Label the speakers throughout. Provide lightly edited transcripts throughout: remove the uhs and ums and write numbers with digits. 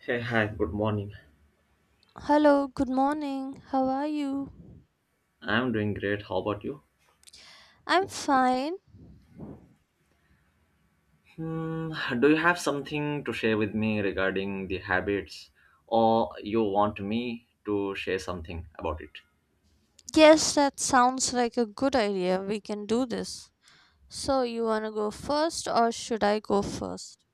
Speaker 1: Hey, hi, good morning.
Speaker 2: Hello, good morning. How are you?
Speaker 1: I'm doing great. How about you?
Speaker 2: I'm fine.
Speaker 1: Hmm, do you have something to share with me regarding the habits, or you want me to share something about it?
Speaker 2: Yes, that sounds like a good idea. We can do this. So, you want to go first or should I go first?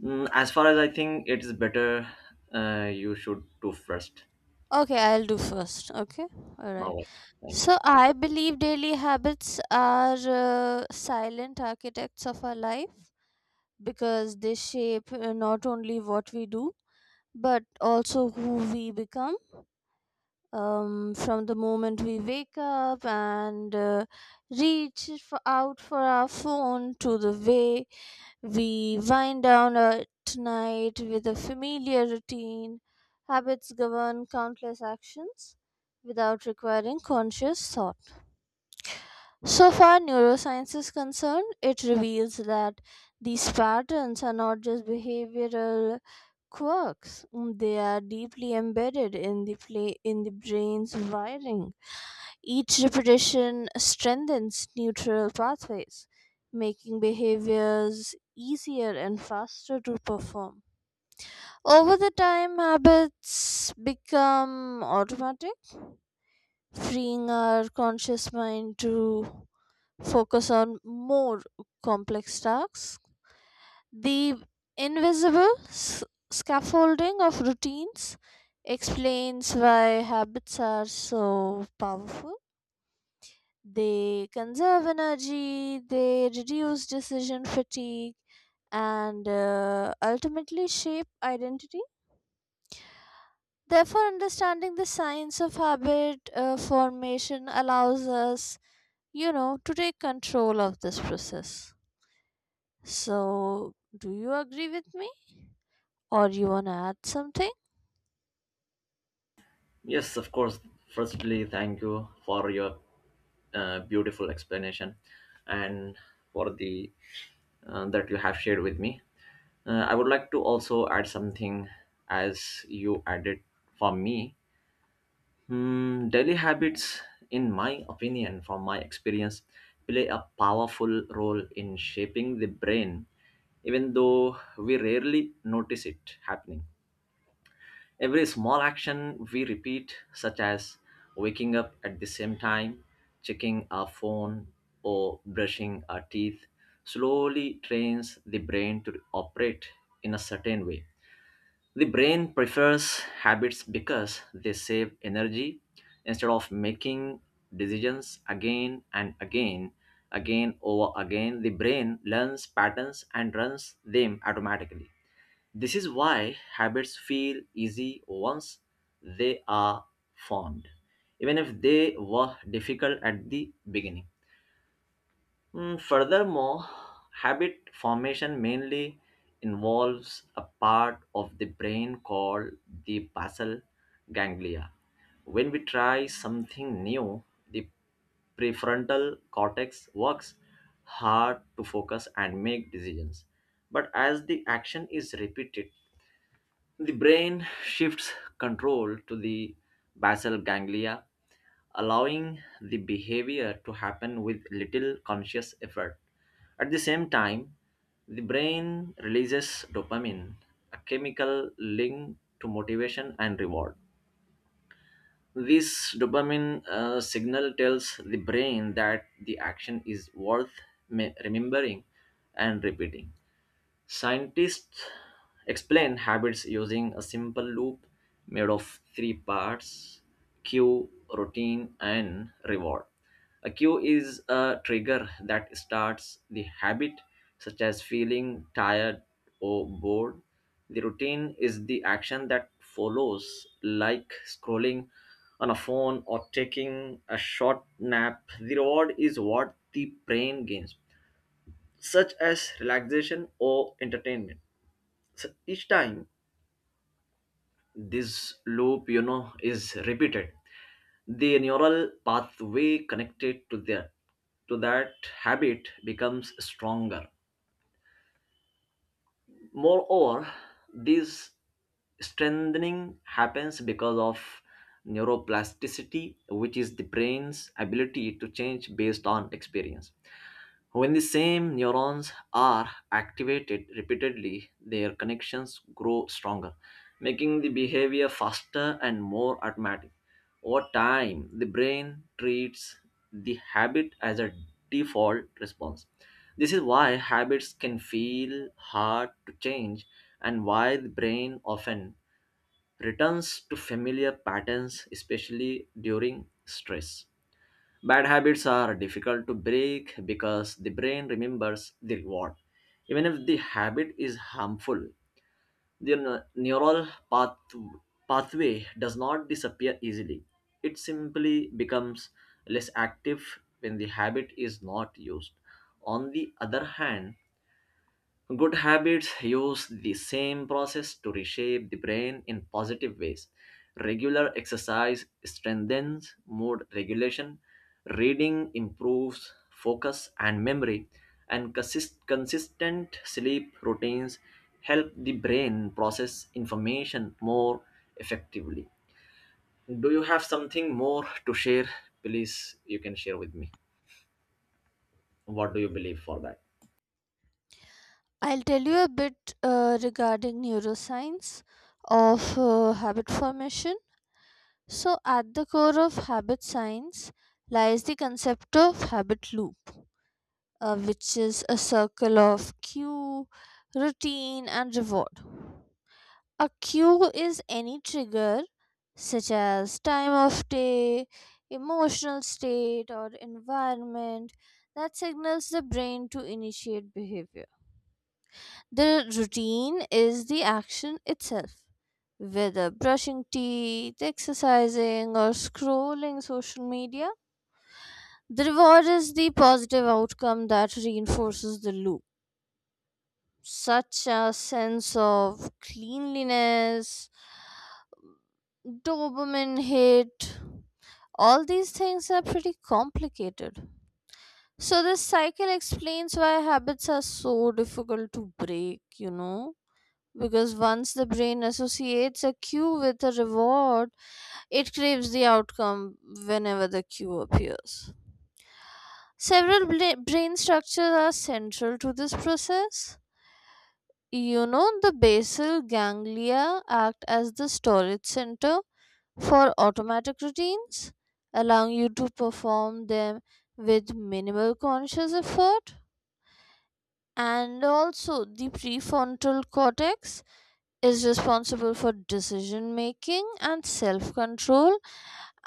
Speaker 1: As far as I think, it is better you should do first.
Speaker 2: Okay, I'll do first. Okay? Alright.
Speaker 1: All right, thank you.
Speaker 2: So, I believe daily habits are silent architects of our life because they shape not only what we do but also who we become, from the moment we wake up and uh, out for our phone to the way we wind down at night with a familiar routine. Habits govern countless actions without requiring conscious thought. So far, neuroscience is concerned, it reveals that these patterns are not just behavioral quirks, they are deeply embedded in in the brain's wiring. Each repetition strengthens neural pathways, making behaviors easier and faster to perform. Over the time, habits become automatic, freeing our conscious mind to focus on more complex tasks. The invisible scaffolding of routines explains why habits are so powerful. They conserve energy, they reduce decision fatigue, and ultimately shape identity. Therefore, understanding the science of habit formation allows us, you know, to take control of this process. So, do you agree with me, or you wanna add something?
Speaker 1: Yes, of course. Firstly, thank you for your beautiful explanation and for the that you have shared with me. I would like to also add something as you added for me. Daily habits, in my opinion, from my experience, play a powerful role in shaping the brain, even though we rarely notice it happening. Every small action we repeat, such as waking up at the same time, checking our phone, or brushing our teeth, slowly trains the brain to operate in a certain way. The brain prefers habits because they save energy instead of making decisions again and again, again over again. The brain learns patterns and runs them automatically. This is why habits feel easy once they are formed, even if they were difficult at the beginning. Furthermore, habit formation mainly involves a part of the brain called the basal ganglia. When we try something new, the prefrontal cortex works hard to focus and make decisions. But as the action is repeated, the brain shifts control to the basal ganglia, allowing the behavior to happen with little conscious effort. At the same time, the brain releases dopamine, a chemical linked to motivation and reward. This dopamine signal tells the brain that the action is worth remembering and repeating. Scientists explain habits using a simple loop made of three parts: cue, routine, and reward. A cue is a trigger that starts the habit, such as feeling tired or bored. The routine is the action that follows, like scrolling on a phone or taking a short nap. The reward is what the brain gains, such as relaxation or entertainment. So each time this loop, you know, is repeated, the neural pathway connected to the to that habit becomes stronger. Moreover, this strengthening happens because of neuroplasticity, which is the brain's ability to change based on experience. When the same neurons are activated repeatedly, their connections grow stronger, making the behavior faster and more automatic. Over time, the brain treats the habit as a default response. This is why habits can feel hard to change and why the brain often returns to familiar patterns, especially during stress. Bad habits are difficult to break because the brain remembers the reward. Even if the habit is harmful, the neural pathway does not disappear easily. It simply becomes less active when the habit is not used. On the other hand, good habits use the same process to reshape the brain in positive ways. Regular exercise strengthens mood regulation, reading improves focus and memory, and consistent sleep routines help the brain process information more effectively. Do you have something more to share? Please, you can share with me. What do you believe for that?
Speaker 2: I'll tell you a bit regarding neuroscience of habit formation. So, at the core of habit science lies the concept of habit loop, which is a circle of cue, routine, and reward. A cue is any trigger, such as time of day, emotional state, or environment, that signals the brain to initiate behavior. The routine is the action itself, whether brushing teeth, exercising, or scrolling social media. The reward is the positive outcome that reinforces the loop, such a sense of cleanliness, dopamine hit. All these things are pretty complicated. So, this cycle explains why habits are so difficult to break, you know, because once the brain associates a cue with a reward, it craves the outcome whenever the cue appears. Several brain structures are central to this process. You know, the basal ganglia act as the storage center for automatic routines, allowing you to perform them with minimal conscious effort. And also, the prefrontal cortex is responsible for decision making and self control,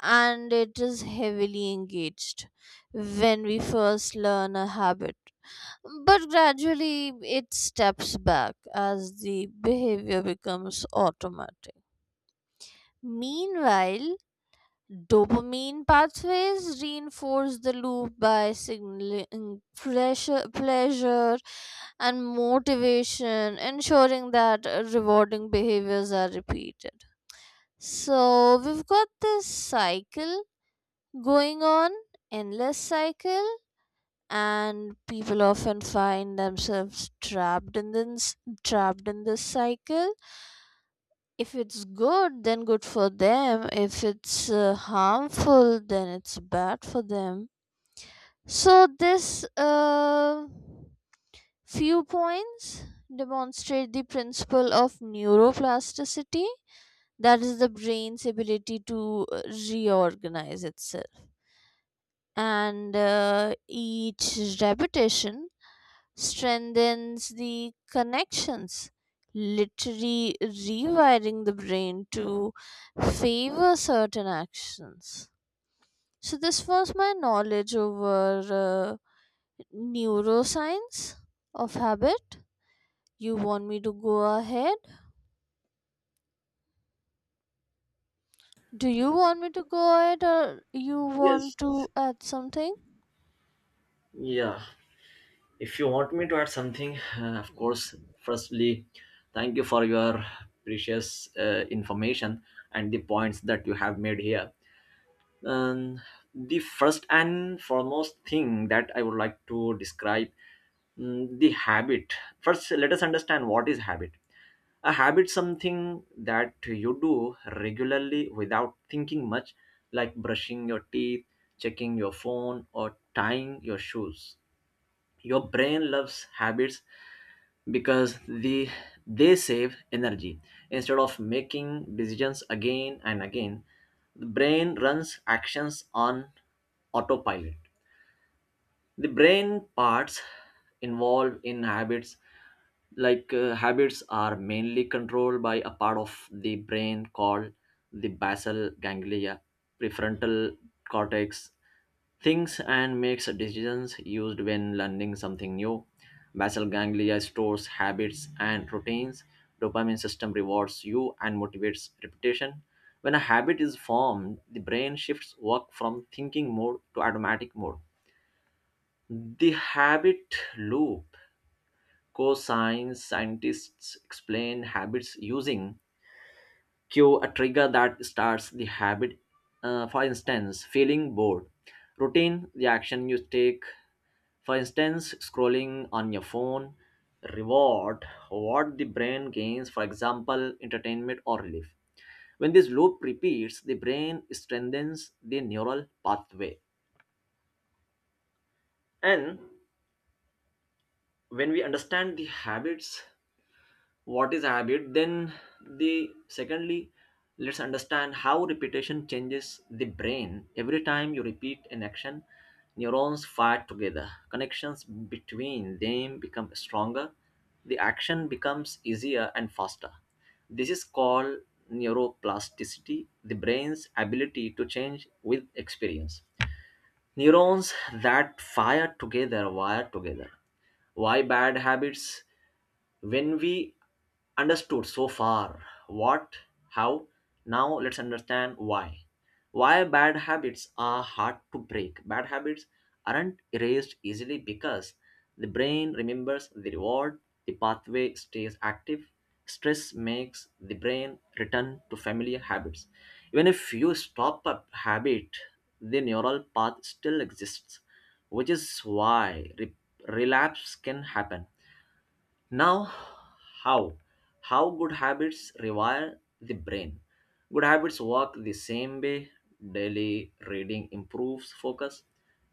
Speaker 2: and it is heavily engaged when we first learn a habit, but gradually it steps back as the behavior becomes automatic. Meanwhile, dopamine pathways reinforce the loop by signaling pressure, pleasure, and motivation, ensuring that rewarding behaviors are repeated. So we've got this cycle going on, endless cycle, and people often find themselves trapped in this cycle. If it's good, then good for them. If it's harmful, then it's bad for them. So this few points demonstrate the principle of neuroplasticity, that is the brain's ability to reorganize itself, and each repetition strengthens the connections, literally rewiring the brain to favor certain actions. So, this was my knowledge over neuroscience of habit. You want me to go ahead? Do you want me to go ahead or you want
Speaker 1: Yes.
Speaker 2: to add something?
Speaker 1: Yeah. If you want me to add something, of course, firstly, thank you for your precious information and the points that you have made here. Um, the first and foremost thing that I would like to describe, the habit. First, let us understand what is habit. A habit something that you do regularly without thinking much, like brushing your teeth, checking your phone, or tying your shoes. Your brain loves habits because they save energy. Instead of making decisions again and again, the brain runs actions on autopilot. The brain parts involved in habits, like habits are mainly controlled by a part of the brain called the basal ganglia. Prefrontal cortex thinks and makes decisions, used when learning something new. Basal ganglia stores habits and routines. Dopamine system rewards you and motivates repetition. When a habit is formed, the brain shifts work from thinking mode to automatic mode. The habit loop. Co-science Scientists explain habits using cue, a trigger that starts the habit. For instance, feeling bored. Routine, the action you take. For instance, scrolling on your phone. Reward, what the brain gains, for example, entertainment or relief. When this loop repeats, the brain strengthens the neural pathway. And when we understand the habits, what is habit, then the secondly, let's understand how repetition changes the brain. Every time you repeat an action, neurons fire together, connections between them become stronger, the action becomes easier and faster. This is called neuroplasticity, the brain's ability to change with experience. Neurons that fire together wire together. Why bad habits, when we understood so far what, how, now let's understand why. Why bad habits are hard to break. Bad habits aren't erased easily because the brain remembers the reward, the pathway stays active, stress makes the brain return to familiar habits. Even if you stop a habit, the neural path still exists, which is why relapse can happen. Now, how? How good habits rewire the brain? Good habits work the same way. Daily reading improves focus,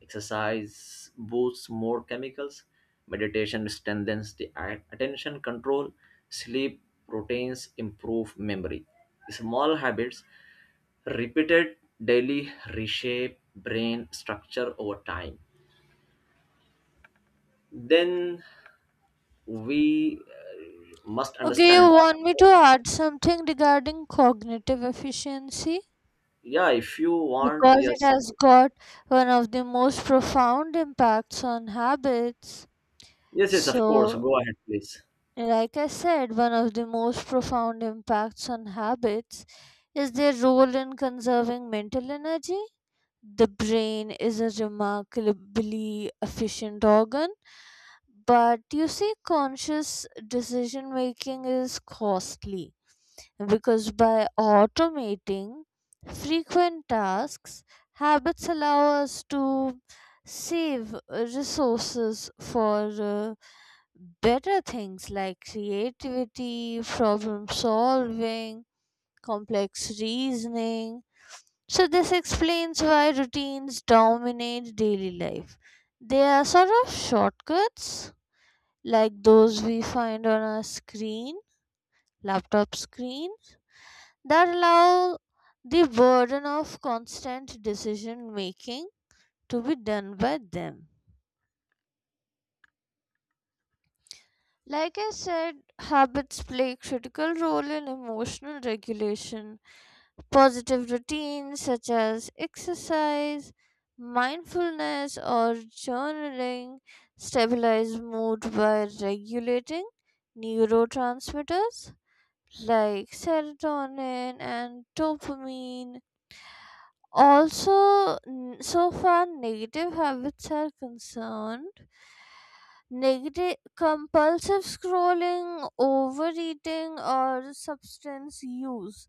Speaker 1: exercise boosts more chemicals, meditation strengthens the attention control, sleep routines improve memory. Small habits repeated daily reshape brain structure over time. Then we must
Speaker 2: Okay, you
Speaker 1: understand.
Speaker 2: want me to add something regarding cognitive efficiency?
Speaker 1: Yeah, if you want,
Speaker 2: Because it
Speaker 1: yes.
Speaker 2: has got one of the most profound impacts on habits.
Speaker 1: Yes, yes, of course.
Speaker 2: So,
Speaker 1: Go ahead, please.
Speaker 2: like I said, one of the most profound impacts on habits is their role in conserving mental energy. The brain is a remarkably efficient organ, but you see, conscious decision making is costly because by automating frequent tasks, habits allow us to save resources for better things like creativity, problem solving, complex reasoning. So, this explains why routines dominate daily life. They are sort of shortcuts like those we find on a screen, laptop screen, that allow the burden of constant decision making to be done by them. Like I said, habits play a critical role in emotional regulation. Positive routines such as exercise, mindfulness, or journaling stabilize mood by regulating neurotransmitters like serotonin and dopamine. Also, so far negative habits are concerned, negative compulsive scrolling, overeating, or substance use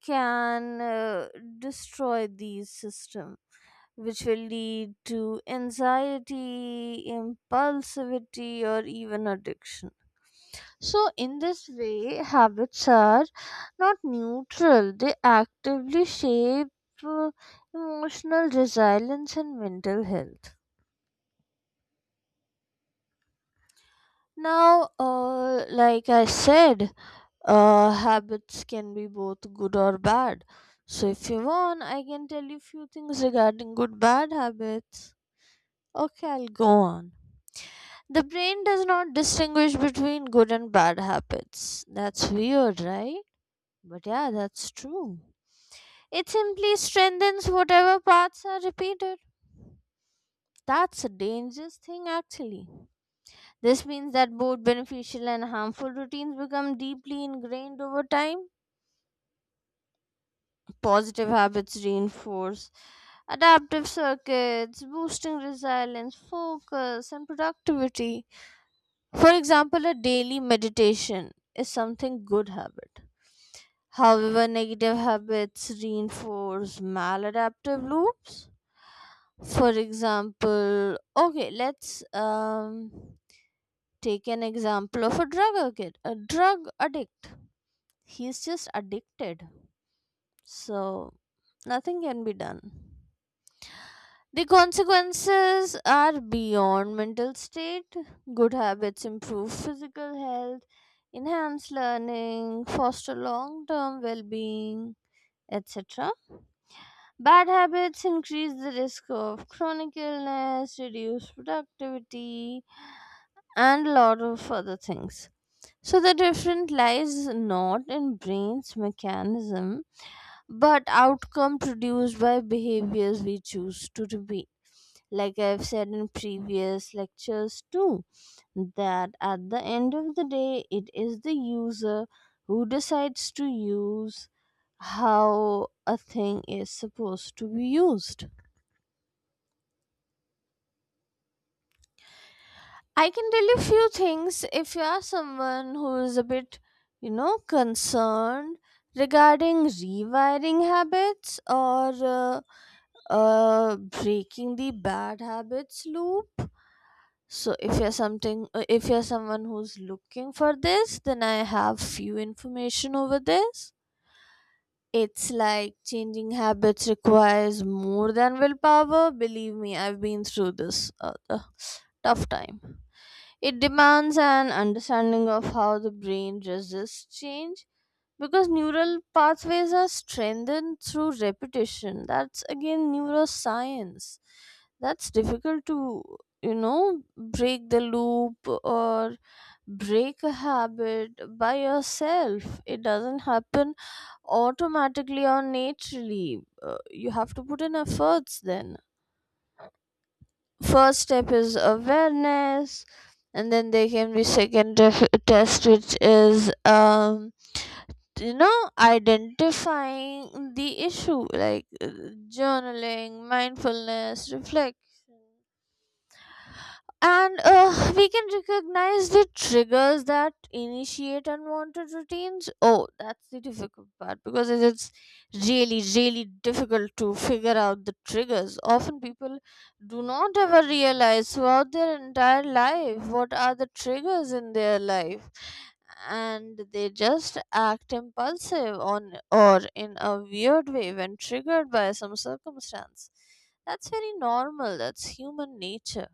Speaker 2: can destroy these systems, which will lead to anxiety, impulsivity, or even addiction. So, in this way, habits are not neutral, they actively shape uh, emotional resilience and mental health. Now, like I said, habits can be both good or bad. So, if you want, I can tell you few things regarding good bad habits. Okay, I'll go on. The brain does not distinguish between good and bad habits. That's weird, right? But yeah, that's true. It simply strengthens whatever parts are repeated. That's a dangerous thing, actually. This means that both beneficial and harmful routines become deeply ingrained over time. Positive habits reinforce adaptive circuits, boosting resilience, focus, and productivity. For example, a daily meditation is something good habit. However, negative habits reinforce maladaptive loops. For example, okay, let's take an example of a drug addict. A drug addict. He's just addicted, so nothing can be done. The consequences are beyond mental state. Good habits improve physical health, enhance learning, foster long term well being, etc. Bad habits increase the risk of chronic illness, reduce productivity, and lot of other things. So the difference lies not in brain's mechanism, but outcome produced by behaviors we choose to repeat, like I've said in previous lectures too, that at the end of the day, it is the user who decides to use how a thing is supposed to be used. I can tell you few things if you are someone who is a bit, you know, concerned regarding rewiring habits or breaking the bad habits loop. So if you're something if you're someone who's looking for this, then I have few information over this. It's like changing habits requires more than willpower. Believe me, I've been through this tough time. It demands an understanding of how the brain resists change because neural pathways are strengthened through repetition. That's again neuroscience, that's difficult to, you know, break the loop or break a habit by yourself. It doesn't happen automatically or naturally. Uh, you have to put in efforts. Then first step is awareness, and then there can be second test, which is, um, you know, identifying the issue, like journaling, mindfulness, reflection, and we can recognize the triggers that initiate unwanted routines. Oh, that's the difficult part, because it is really, really difficult to figure out the triggers. Often people do not ever realize throughout their entire life what are the triggers in their life, and they just act impulsive on or in a weird way when triggered by some circumstance. That's very normal, that's human nature.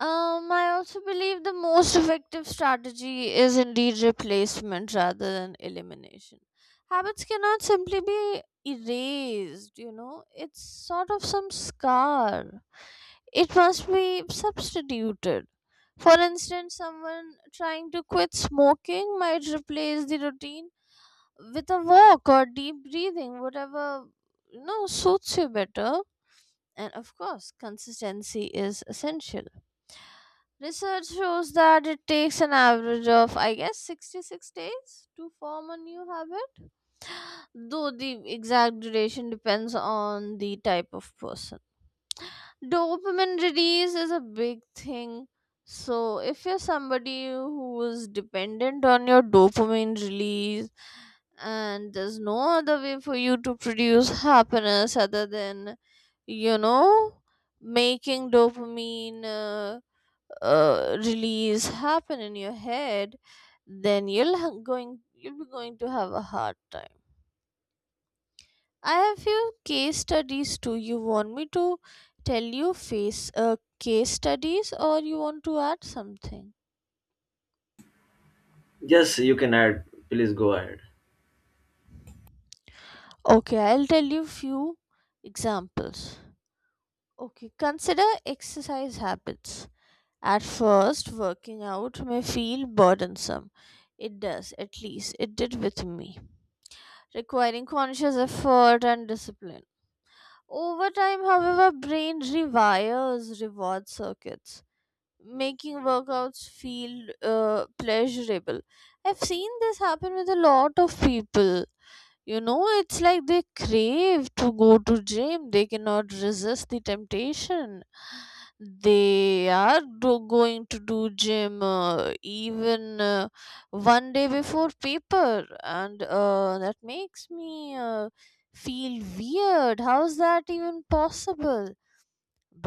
Speaker 2: I also believe the most effective strategy is indeed replacement rather than elimination. Habits cannot simply be erased, you know, it's sort of some scar. It must be substituted. For instance, someone trying to quit smoking might replace the routine with a walk or deep breathing, whatever, you know, suits you better. And of course, consistency is essential. Research shows that it takes an average of, I guess, 66 days to form a new habit, though the exact duration depends on the type of person. Dopamine release is a big thing. So, if you're somebody who is dependent on your dopamine release and there's no other way for you to produce happiness other than, you know, making dopamine release happen in your head, then you'll be going to have a hard time. I have few case studies too. You want me to tell you face case studies, or you want to add something?
Speaker 1: Yes, you can add. Please go ahead.
Speaker 2: Okay, I'll tell you few examples. Okay, consider exercise habits. At first working out may feel burdensome, it does, at least it did with me, requiring conscious effort and discipline. Over time, however, brain rewires reward circuits, making workouts feel pleasurable. I've seen this happen with a lot of people. You know, it's like they crave to go to gym, they cannot resist the temptation. They are going to do gym, even one day before paper, and that makes me feel weird, how's that even possible?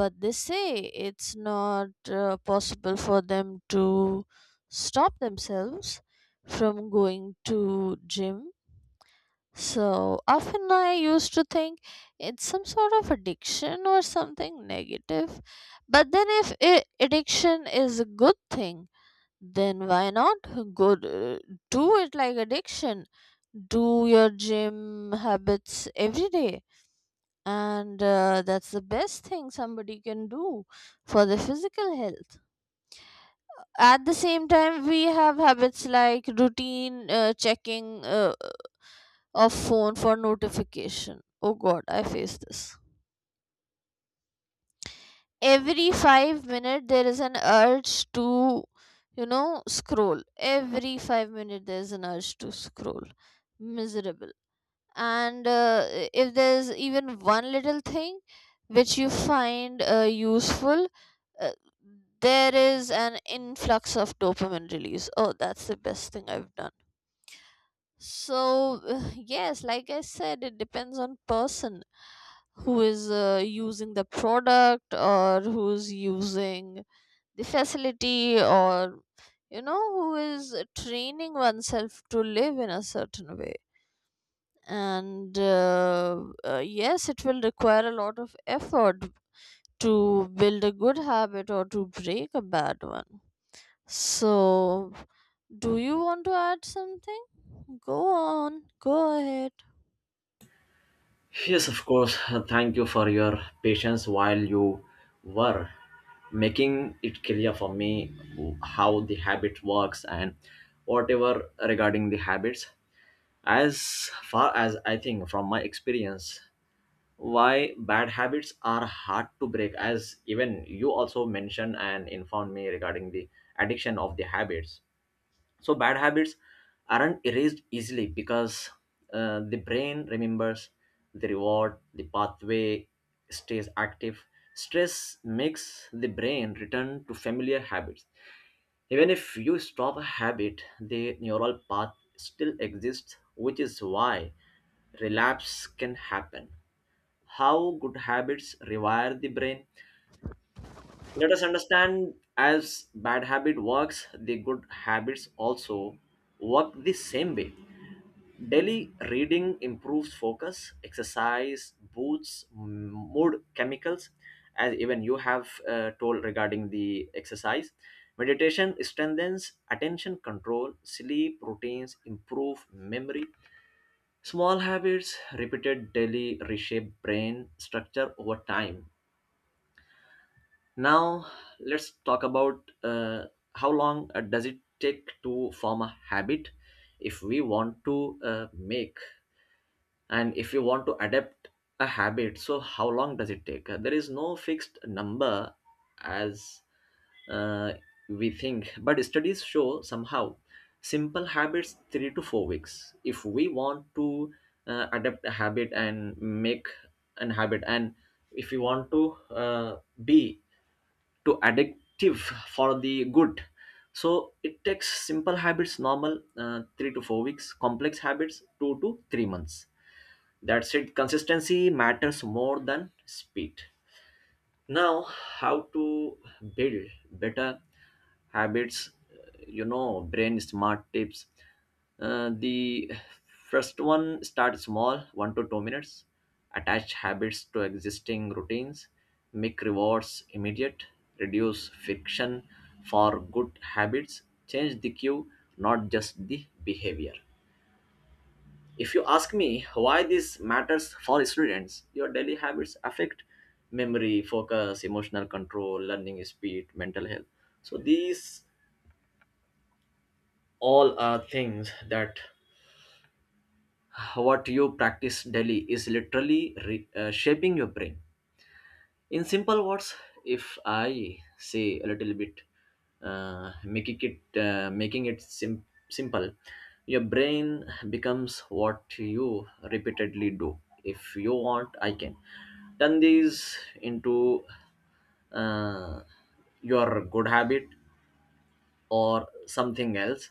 Speaker 2: But they say it's not possible for them to stop themselves from going to gym. So often I used to think it's some sort of addiction or something negative. But then, if I addiction is a good thing, then why not good? Do it like addiction. Do your gym habits every day, and that's the best thing somebody can do for the physical health. At the same time, we have habits like routine checking. A phone for notification. Oh god, I face this. Every 5 minutes there is an urge to, you know, scroll. Every 5 minutes there is an urge to scroll. Miserable. And if there's even one little thing which you find useful, uh, there is an influx of dopamine release. Oh, that's the best thing I've done. So, yes, like I said, it depends on person who is using the product or who's using the facility, or, you know, who is training oneself to live in a certain way, and yes it will require a lot of effort to build a good habit or to break a bad one. So do you want to add something? Go on, go ahead.
Speaker 1: Yes, of course. Thank you for your patience while you were making it clear for me how the habit works and whatever regarding the habits. As far as I think from my experience, why bad habits are hard to break, as even you also mentioned and informed me regarding the addiction of the habits. So bad habits aren't erased easily because the brain remembers the reward, the pathway stays active, stress makes the brain return to familiar habits. Even if you stop a habit, the neural path still exists, which is why relapse can happen. How good habits rewire the brain. Let us understand, as bad habit works, the good habits also work the same way. Daily reading improves focus, exercise boosts mood chemicals, as even you have told regarding the exercise. Meditation strengthens attention control, sleep routines improve memory. Small habits repeated daily reshape brain structure over time. Now, let's talk about how long does it take to form a habit. If we want to make and if you want to adapt a habit, so how long does it take? There is no fixed number, as uh, we think, but studies show somehow simple habits 3 to 4 weeks. If we want to adapt a habit and make an habit and if we want to be to addictive for the good, so it takes simple habits normal 3 to 4 weeks, complex habits 2 to 3 months, that's it. Consistency matters more than speed. Now, how to build better habits? You know, brain smart tips. The first one, start small, 1 to 2 minutes. Attach habits to existing routines. Make rewards immediate. Reduce friction for good habits. Change the cue, not just the behavior. If you ask me why this matters for students, your daily habits affect memory, focus, emotional control, learning speed, mental health. So these all are things that what you practice daily is literally shaping your brain. In simple words, if I say a little bit, making it simple, your brain becomes what you repeatedly do. If you want, I can turn these into uh, your good habit or something else.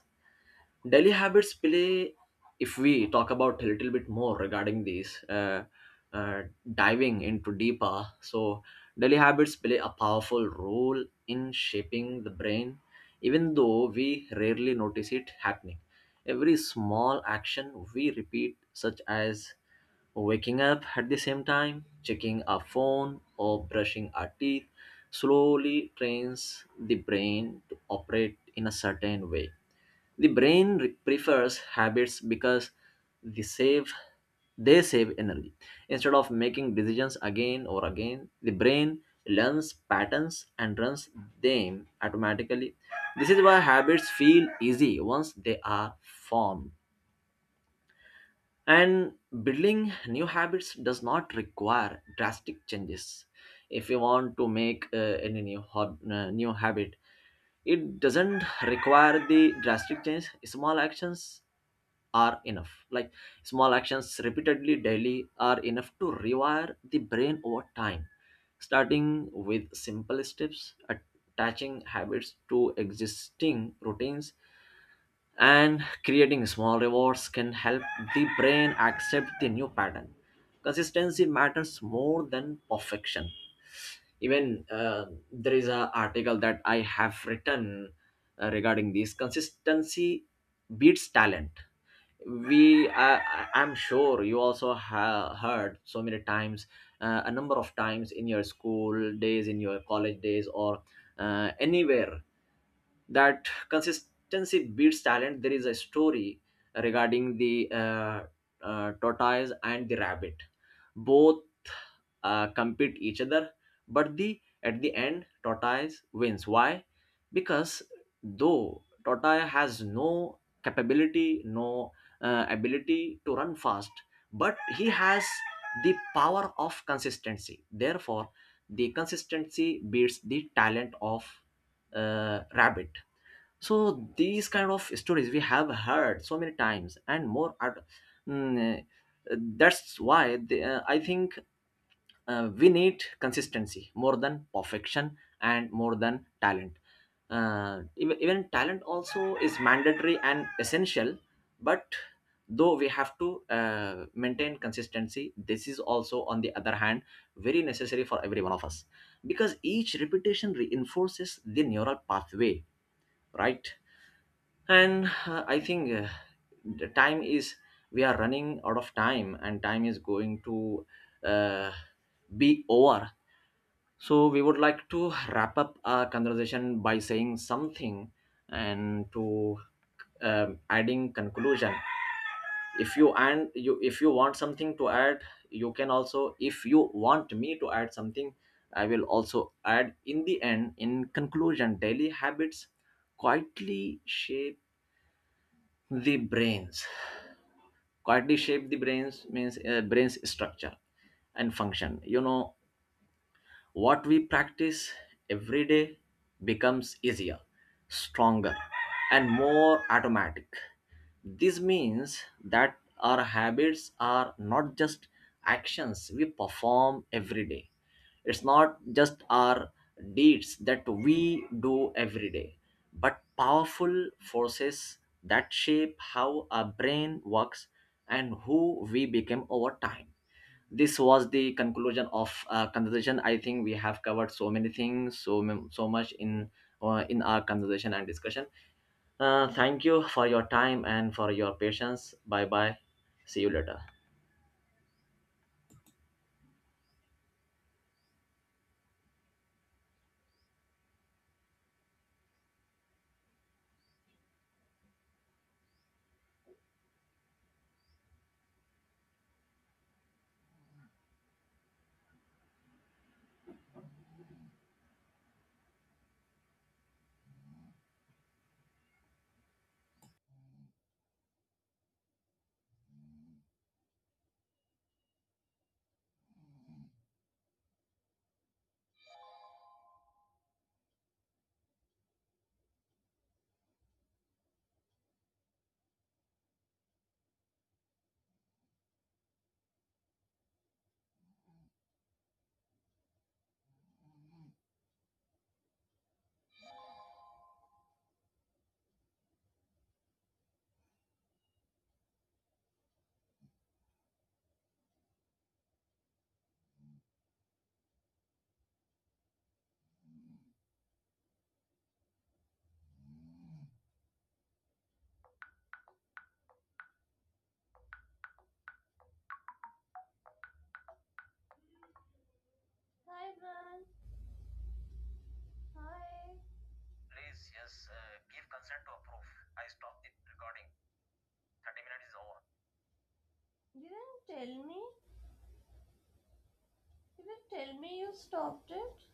Speaker 1: Daily habits play, if we talk about a little bit more regarding these, uh, diving into deeper. So, daily habits play a powerful role in shaping the brain, even though we rarely notice it happening. Every small action we repeat, such as waking up at the same time, checking our phone, or brushing our teeth, slowly trains the brain to operate in a certain way. The brain prefers habits because they save they save energy. Instead of making decisions again or again, the brain learns patterns and runs them automatically. This is why habits feel easy once they are formed. And building new habits does not require drastic changes. If you want to make any new hob- new habit, it doesn't require the drastic change. Small actions are enough. Like small actions repeatedly daily are enough to rewire the brain over time. Starting with simple steps, attaching habits to existing routines, and creating small rewards can help the brain accept the new pattern. Consistency matters more than perfection. Even there is a article that I have written regarding this, consistency beats talent. We I'm sure you also have heard so many times, a number of times in your school days, in your college days, or anywhere, that consistency beats talent. There is a story regarding the tortoise and the rabbit. Both compete each other, but the at the end, tortoise wins. Why? Because though tortoise has no capability, no ability to run fast, but he has the power of consistency. Therefore, the consistency beats the talent of rabbit. So these kind of stories we have heard so many times and more are, mm, that's why they, I think we need consistency more than perfection and more than talent. Even talent also is mandatory and essential, but though we have to maintain consistency, this is also on the other hand very necessary for every one of us, because each repetition reinforces the neural pathway, right? And I think, the time is, we are running out of time and time is going to uh, be over, so we would like to wrap up our conversation by saying something and to adding conclusion. If you, and you, if you want something to add, you can also, if you want me to add something, I will also add in the end. In conclusion, daily habits quietly shape the brains, quietly shape the brains means brains structure and function, you know, what we
Speaker 2: Mm.
Speaker 1: practice every day becomes easier, stronger, and more automatic. This means that our habits are not just actions we perform every day. It's not just our deeds that we do every day, but powerful forces that shape how our brain works and who we become over time. This was the conclusion of conversation. I think we have covered so many things, so so much in our conversation and discussion. Thank you for your time and for your patience. Bye bye, see you later.
Speaker 2: Hi, Bran. Hi. You didn't tell me. You didn't tell me you stopped it.